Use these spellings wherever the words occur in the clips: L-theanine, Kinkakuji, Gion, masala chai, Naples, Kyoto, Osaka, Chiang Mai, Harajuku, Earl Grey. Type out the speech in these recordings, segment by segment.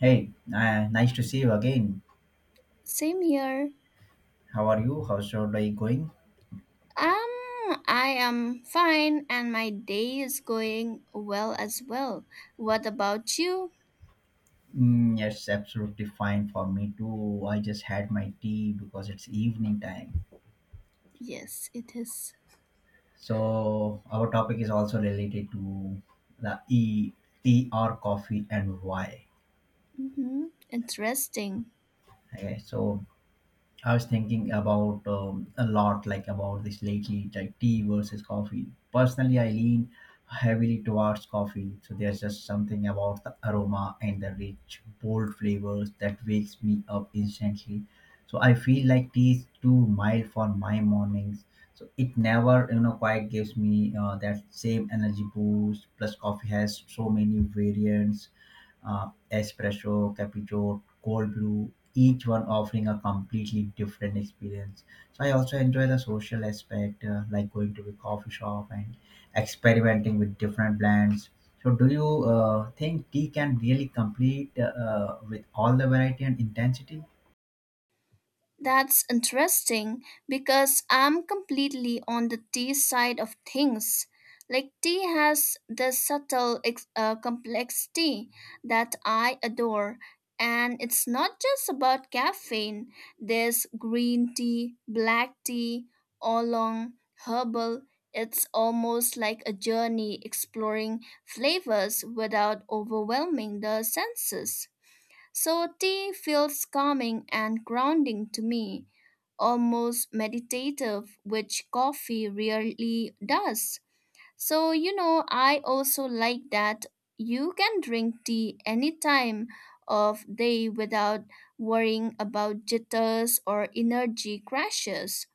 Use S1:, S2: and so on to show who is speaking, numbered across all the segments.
S1: Hey, nice to see you again.
S2: Same here.
S1: How are you? How's your day going?
S2: I am fine and my day is going well as well. What about you?
S1: Mm, yes, absolutely fine for me too. I just had my tea because it's evening time.
S2: Yes, it is.
S1: So our topic is also related to the E tea or coffee and why.
S2: Mm-hmm. Interesting.
S1: Okay, so I was thinking about a lot, like about this lately, like tea versus coffee. Personally, I lean heavily towards coffee. So there's just something about the aroma and the rich, bold flavors that wakes me up instantly. So I feel like tea is too mild for my mornings. So it never quite gives me that same energy boost. Plus, coffee has so many variants, espresso, cappuccino, cold brew, each one offering a completely different experience. So I also enjoy the social aspect, like going to a coffee shop and experimenting with different blends. So do you think tea can really complete with all the variety and intensity?
S2: That's interesting because I'm completely on the tea side of things. Like, tea has this complexity that I adore. And it's not just about caffeine. There's green tea, black tea, oolong, herbal. It's almost like a journey exploring flavors without overwhelming the senses. So tea feels calming and grounding to me, almost meditative, which coffee rarely does. So, you know, I also like that you can drink tea any time of day without worrying about jitters or energy crashes.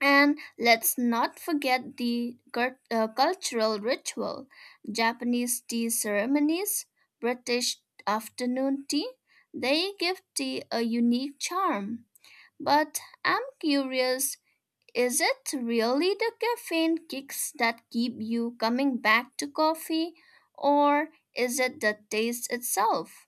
S2: And let's not forget the cultural ritual: Japanese tea ceremonies, British afternoon tea. They give tea a unique charm. But I'm curious, is it really the caffeine kicks that keep you coming back to coffee, or is it the taste itself?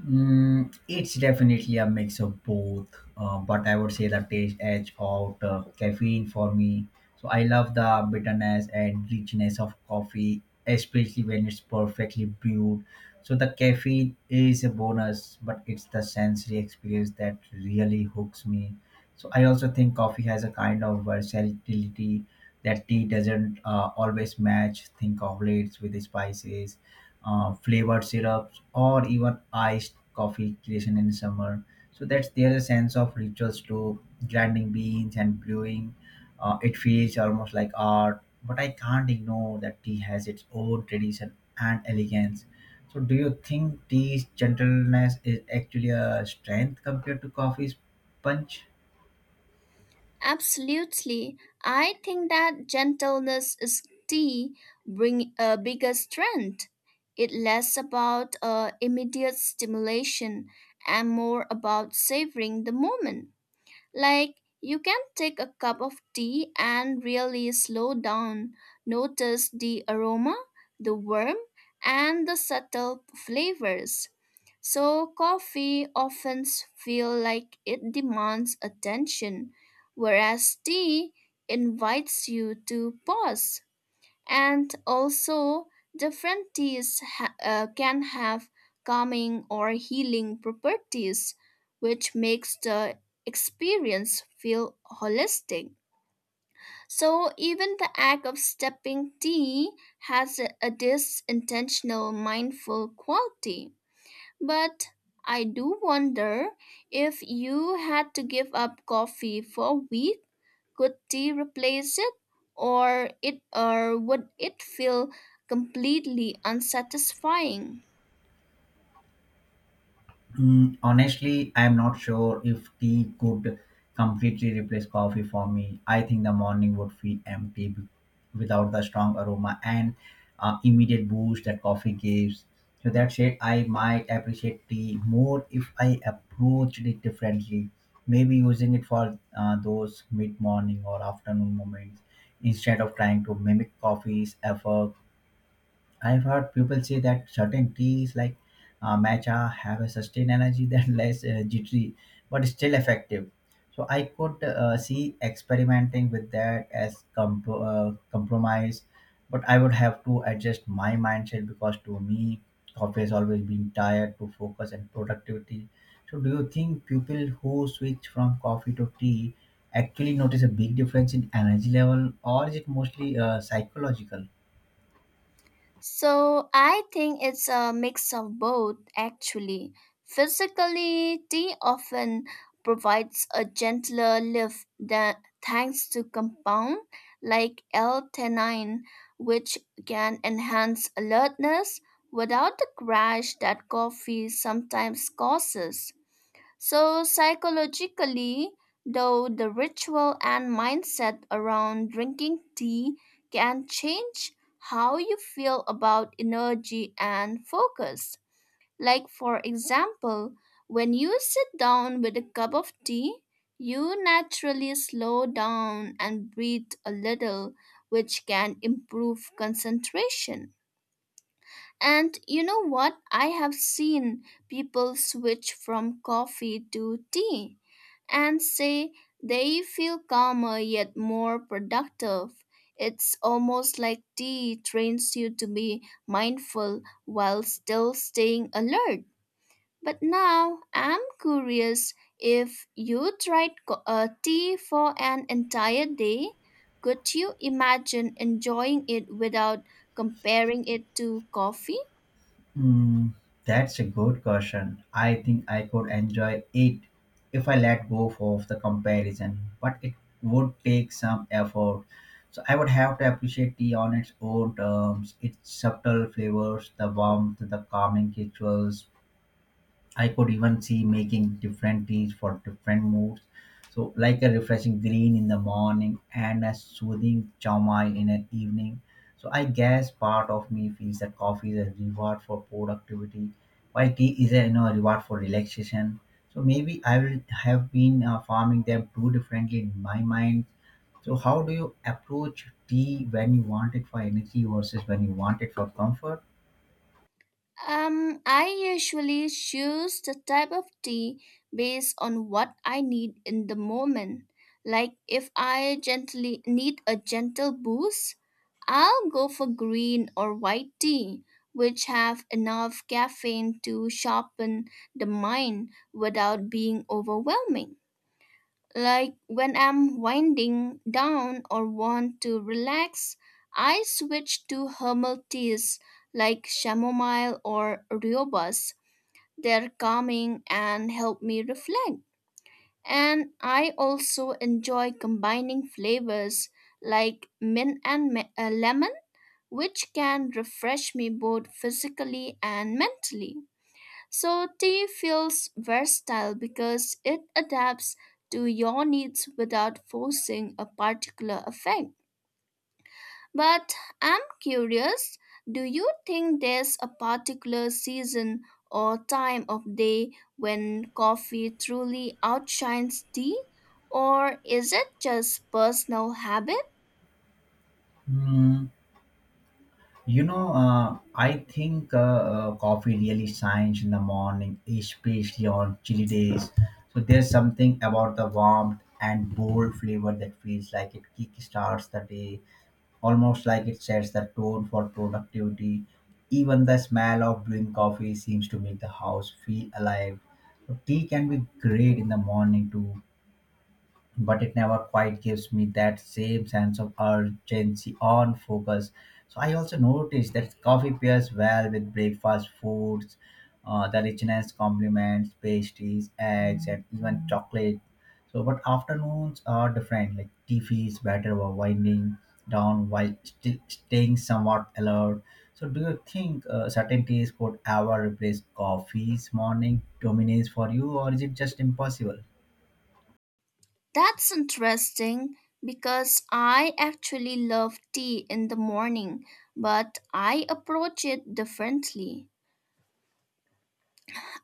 S1: Mm, it's definitely a mix of both, but I would say the taste edge out caffeine for me. So I love the bitterness and richness of coffee, especially when it's perfectly brewed. So the caffeine is a bonus, but it's the sensory experience that really hooks me. So I also think coffee has a kind of versatility that tea doesn't always match. Think of lates with the spices, flavored syrups, or even iced coffee creation in summer. So that's there's a sense of rituals to grinding beans and brewing. It feels almost like art, but I can't ignore that tea has its own tradition and elegance. So, do you think tea's gentleness is actually a strength compared to coffee's punch?
S2: Absolutely. I think that gentleness is the biggest strength. It less about immediate stimulation and more about savoring the moment. Like you can take a cup of tea and really slow down, notice the aroma, the warmth, and the subtle flavors. So coffee often feel like it demands attention, whereas tea invites you to pause. And also, different can have calming or healing properties, which makes the experience feel holistic. So even the act of stepping tea has a this intentional mindful quality. But I do wonder, if you had to give up coffee for a week, could tea replace it? Or would it feel completely unsatisfying?
S1: Mm, honestly, I'm not sure if tea could completely replace coffee for me. I think the morning would feel empty without the strong aroma and immediate boost that coffee gives. So that said, I might appreciate tea more if I approached it differently. Maybe using it for those mid-morning or afternoon moments instead of trying to mimic coffee's effort. I've heard people say that certain teas like matcha have a sustained energy that less jittery, but still effective. So I could see experimenting with that as compromise, but I would have to adjust my mindset because to me, coffee has always been tired to focus and productivity. So do you think people who switch from coffee to tea actually notice a big difference in energy level, or is it mostly psychological?
S2: So I think it's a mix of both actually. Physically, tea often provides a gentler lift than thanks to compound like L-theanine, which can enhance alertness without the crash that coffee sometimes causes. So, psychologically, though, the ritual and mindset around drinking tea can change how you feel about energy and focus. Like, for example, when you sit down with a cup of tea, you naturally slow down and breathe a little, which can improve concentration. And you know what? I have seen people switch from coffee to tea and say they feel calmer yet more productive. It's almost like tea trains you to be mindful while still staying alert. But now I'm curious, if you tried tea for an entire day, could you imagine enjoying it without comparing it to coffee?
S1: Hmm, that's a good question. I think I could enjoy it if I let go of the comparison, but it would take some effort. So I would have to appreciate tea on its own terms, its subtle flavors, the warmth, the calming rituals. I could even see making different teas for different moods. So, like a refreshing green in the morning and a soothing chow mai in an evening. So, I guess part of me feels that coffee is a reward for productivity, while tea is a reward for relaxation. So, maybe I will have been farming them too differently in my mind. So, how do you approach tea when you want it for energy versus when you want it for comfort?
S2: I usually choose the type of tea based on what I need in the moment. Like if I gently need a gentle boost, I'll go for green or white tea, which have enough caffeine to sharpen the mind without being overwhelming. Like when I'm winding down or want to relax, I switch to herbal teas like chamomile or rooibos. They're calming and help me reflect. And I also enjoy combining flavors like lemon, which can refresh me both physically and mentally. So tea feels versatile because it adapts to your needs without forcing a particular effect. But I'm curious, do you think there's a particular season or time of day when coffee truly outshines tea? Or is it just personal habit?
S1: Hmm. You know, I think coffee really shines in the morning, especially on chilly days. So there's something about the warmth and bold flavor that feels like it kickstarts the day, almost like it sets the tone for productivity. Even the smell of brewing coffee seems to make the house feel alive. So tea can be great in the morning too, but it never quite gives me that same sense of urgency on focus. So I also noticed that coffee pairs well with breakfast foods, the richness complements pastries, eggs, and even chocolate. So, but afternoons are different. Like tea feels better while winding down while sti staying somewhat alert. So, do you think certain teas could ever replace coffee's morning dominance for you, or is it just impossible?
S2: That's interesting because I actually love tea in the morning, but I approach it differently.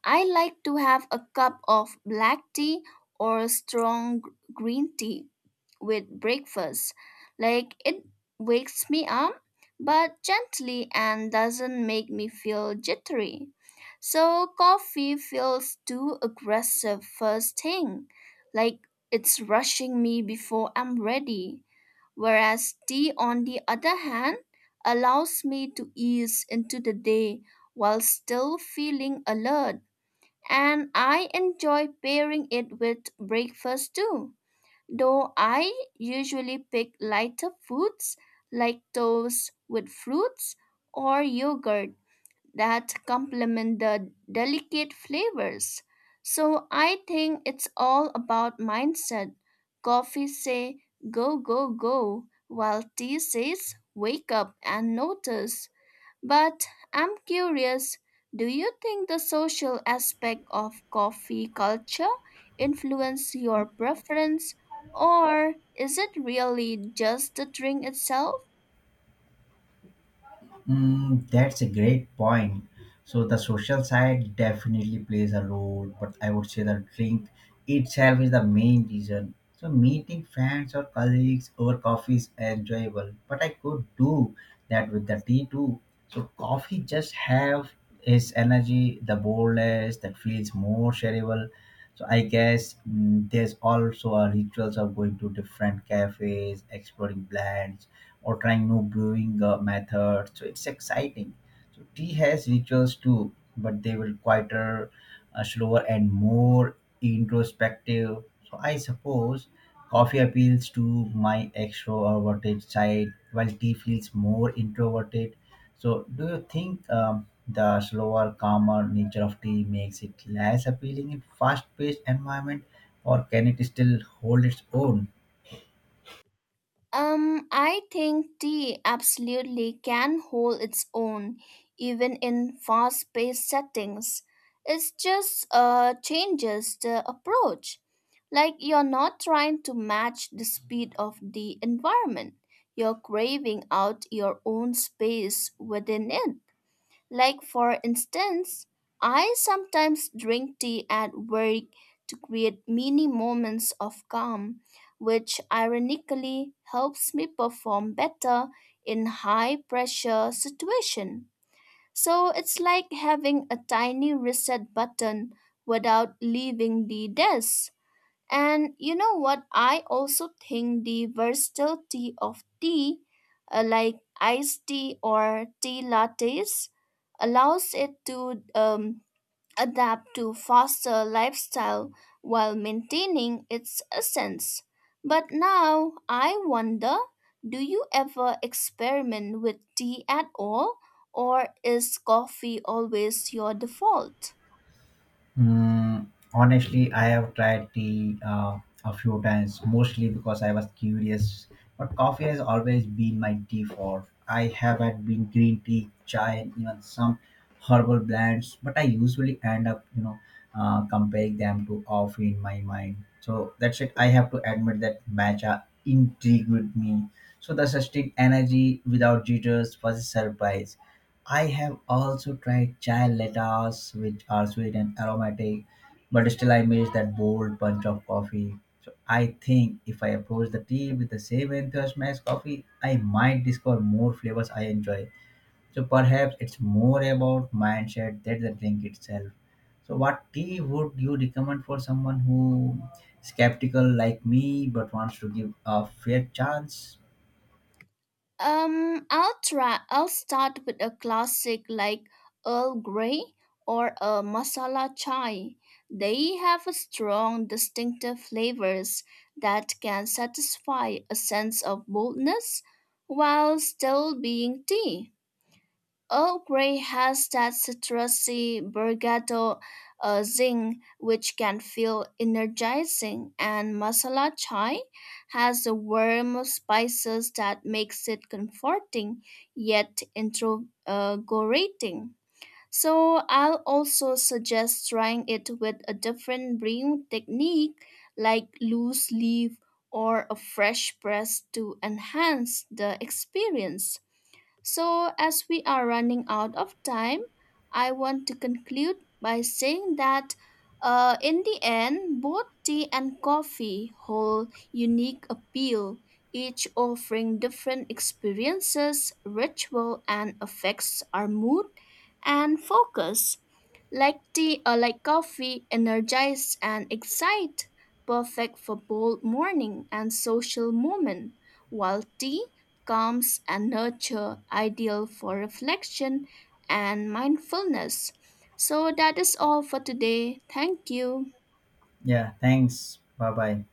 S2: I like to have a cup of black tea or strong green tea with breakfast. Like it wakes me up, but gently and doesn't make me feel jittery. So coffee feels too aggressive first thing, like it's rushing me before I'm ready. Whereas tea, on the other hand, allows me to ease into the day while still feeling alert, and I enjoy pairing it with breakfast too. Though I usually pick lighter foods like toast with fruits or yogurt that complement the delicate flavors. So I think it's all about mindset. Coffee say go go go, while tea says wake up and notice. But I'm curious, do you think the social aspect of coffee culture influence your preference, or is it really just the drink itself?
S1: Mm, that's a great point. So the social side definitely plays a role, but I would say the drink itself is the main reason. So meeting friends or colleagues over coffee is enjoyable, but I could do that with the tea too. So coffee just have its energy, the boldness that feels more shareable. So I guess, mm, there's also a rituals of going to different cafes, exploring blends or trying new brewing method. So it's exciting. So tea has rituals too, but they were quieter, slower, and more introspective. So I suppose coffee appeals to my extroverted side, while tea feels more introverted. So do you think the slower, calmer nature of tea makes it less appealing in fast-paced environment, or can it still hold its own?
S2: I think tea absolutely can hold its own, even in fast paced settings. It's just changes the approach. Like you're not trying to match the speed of the environment, you're craving out your own space within it. Like, for instance, I sometimes drink tea at work to create mini moments of calm, which ironically helps me perform better in high pressure situations. So it's like having a tiny reset button without leaving the desk. And you know what? I also think the versatility of tea, like iced tea or tea lattes, allows it to adapt to faster lifestyle while maintaining its essence. But now I wonder, do you ever experiment with tea at all, or is coffee always your default?
S1: Mm, honestly, I have tried tea a few times, mostly because I was curious. But coffee has always been my default. I have had been green tea, chai, and even some herbal blends. But I usually end up, comparing them to coffee in my mind. So that's it. I have to admit that matcha intrigued me. So the sustained energy without jitters was a surprise. I have also tried chai lattes, which are sweet and aromatic, but still I miss that bold punch of coffee. So I think if I approach the tea with the same enthusiasm as coffee, I might discover more flavors I enjoy. So perhaps it's more about mindset than the drink itself. So what tea would you recommend for someone who skeptical like me but wants to give a fair chance?
S2: I'll try. I'll start with a classic like Earl Grey or a masala chai. They have a strong, distinctive flavors that can satisfy a sense of boldness while still being tea. Earl Grey has that citrusy Borgata zing which can feel energizing, and masala chai has a warm of spices that makes it comforting yet invigorating. So I'll also suggest trying it with a different brewing technique like loose leaf or a fresh press to enhance the experience. So, as we are running out of time, I want to conclude by saying that in the end, both tea and coffee hold unique appeal, each offering different experiences, ritual, and affects our mood and focus. Like tea or like coffee, energize and excite, perfect for bold morning and social moment, while tea calms and nurture, ideal for reflection and mindfulness. So that is all for today. Thank you.
S1: Yeah, thanks. Bye bye.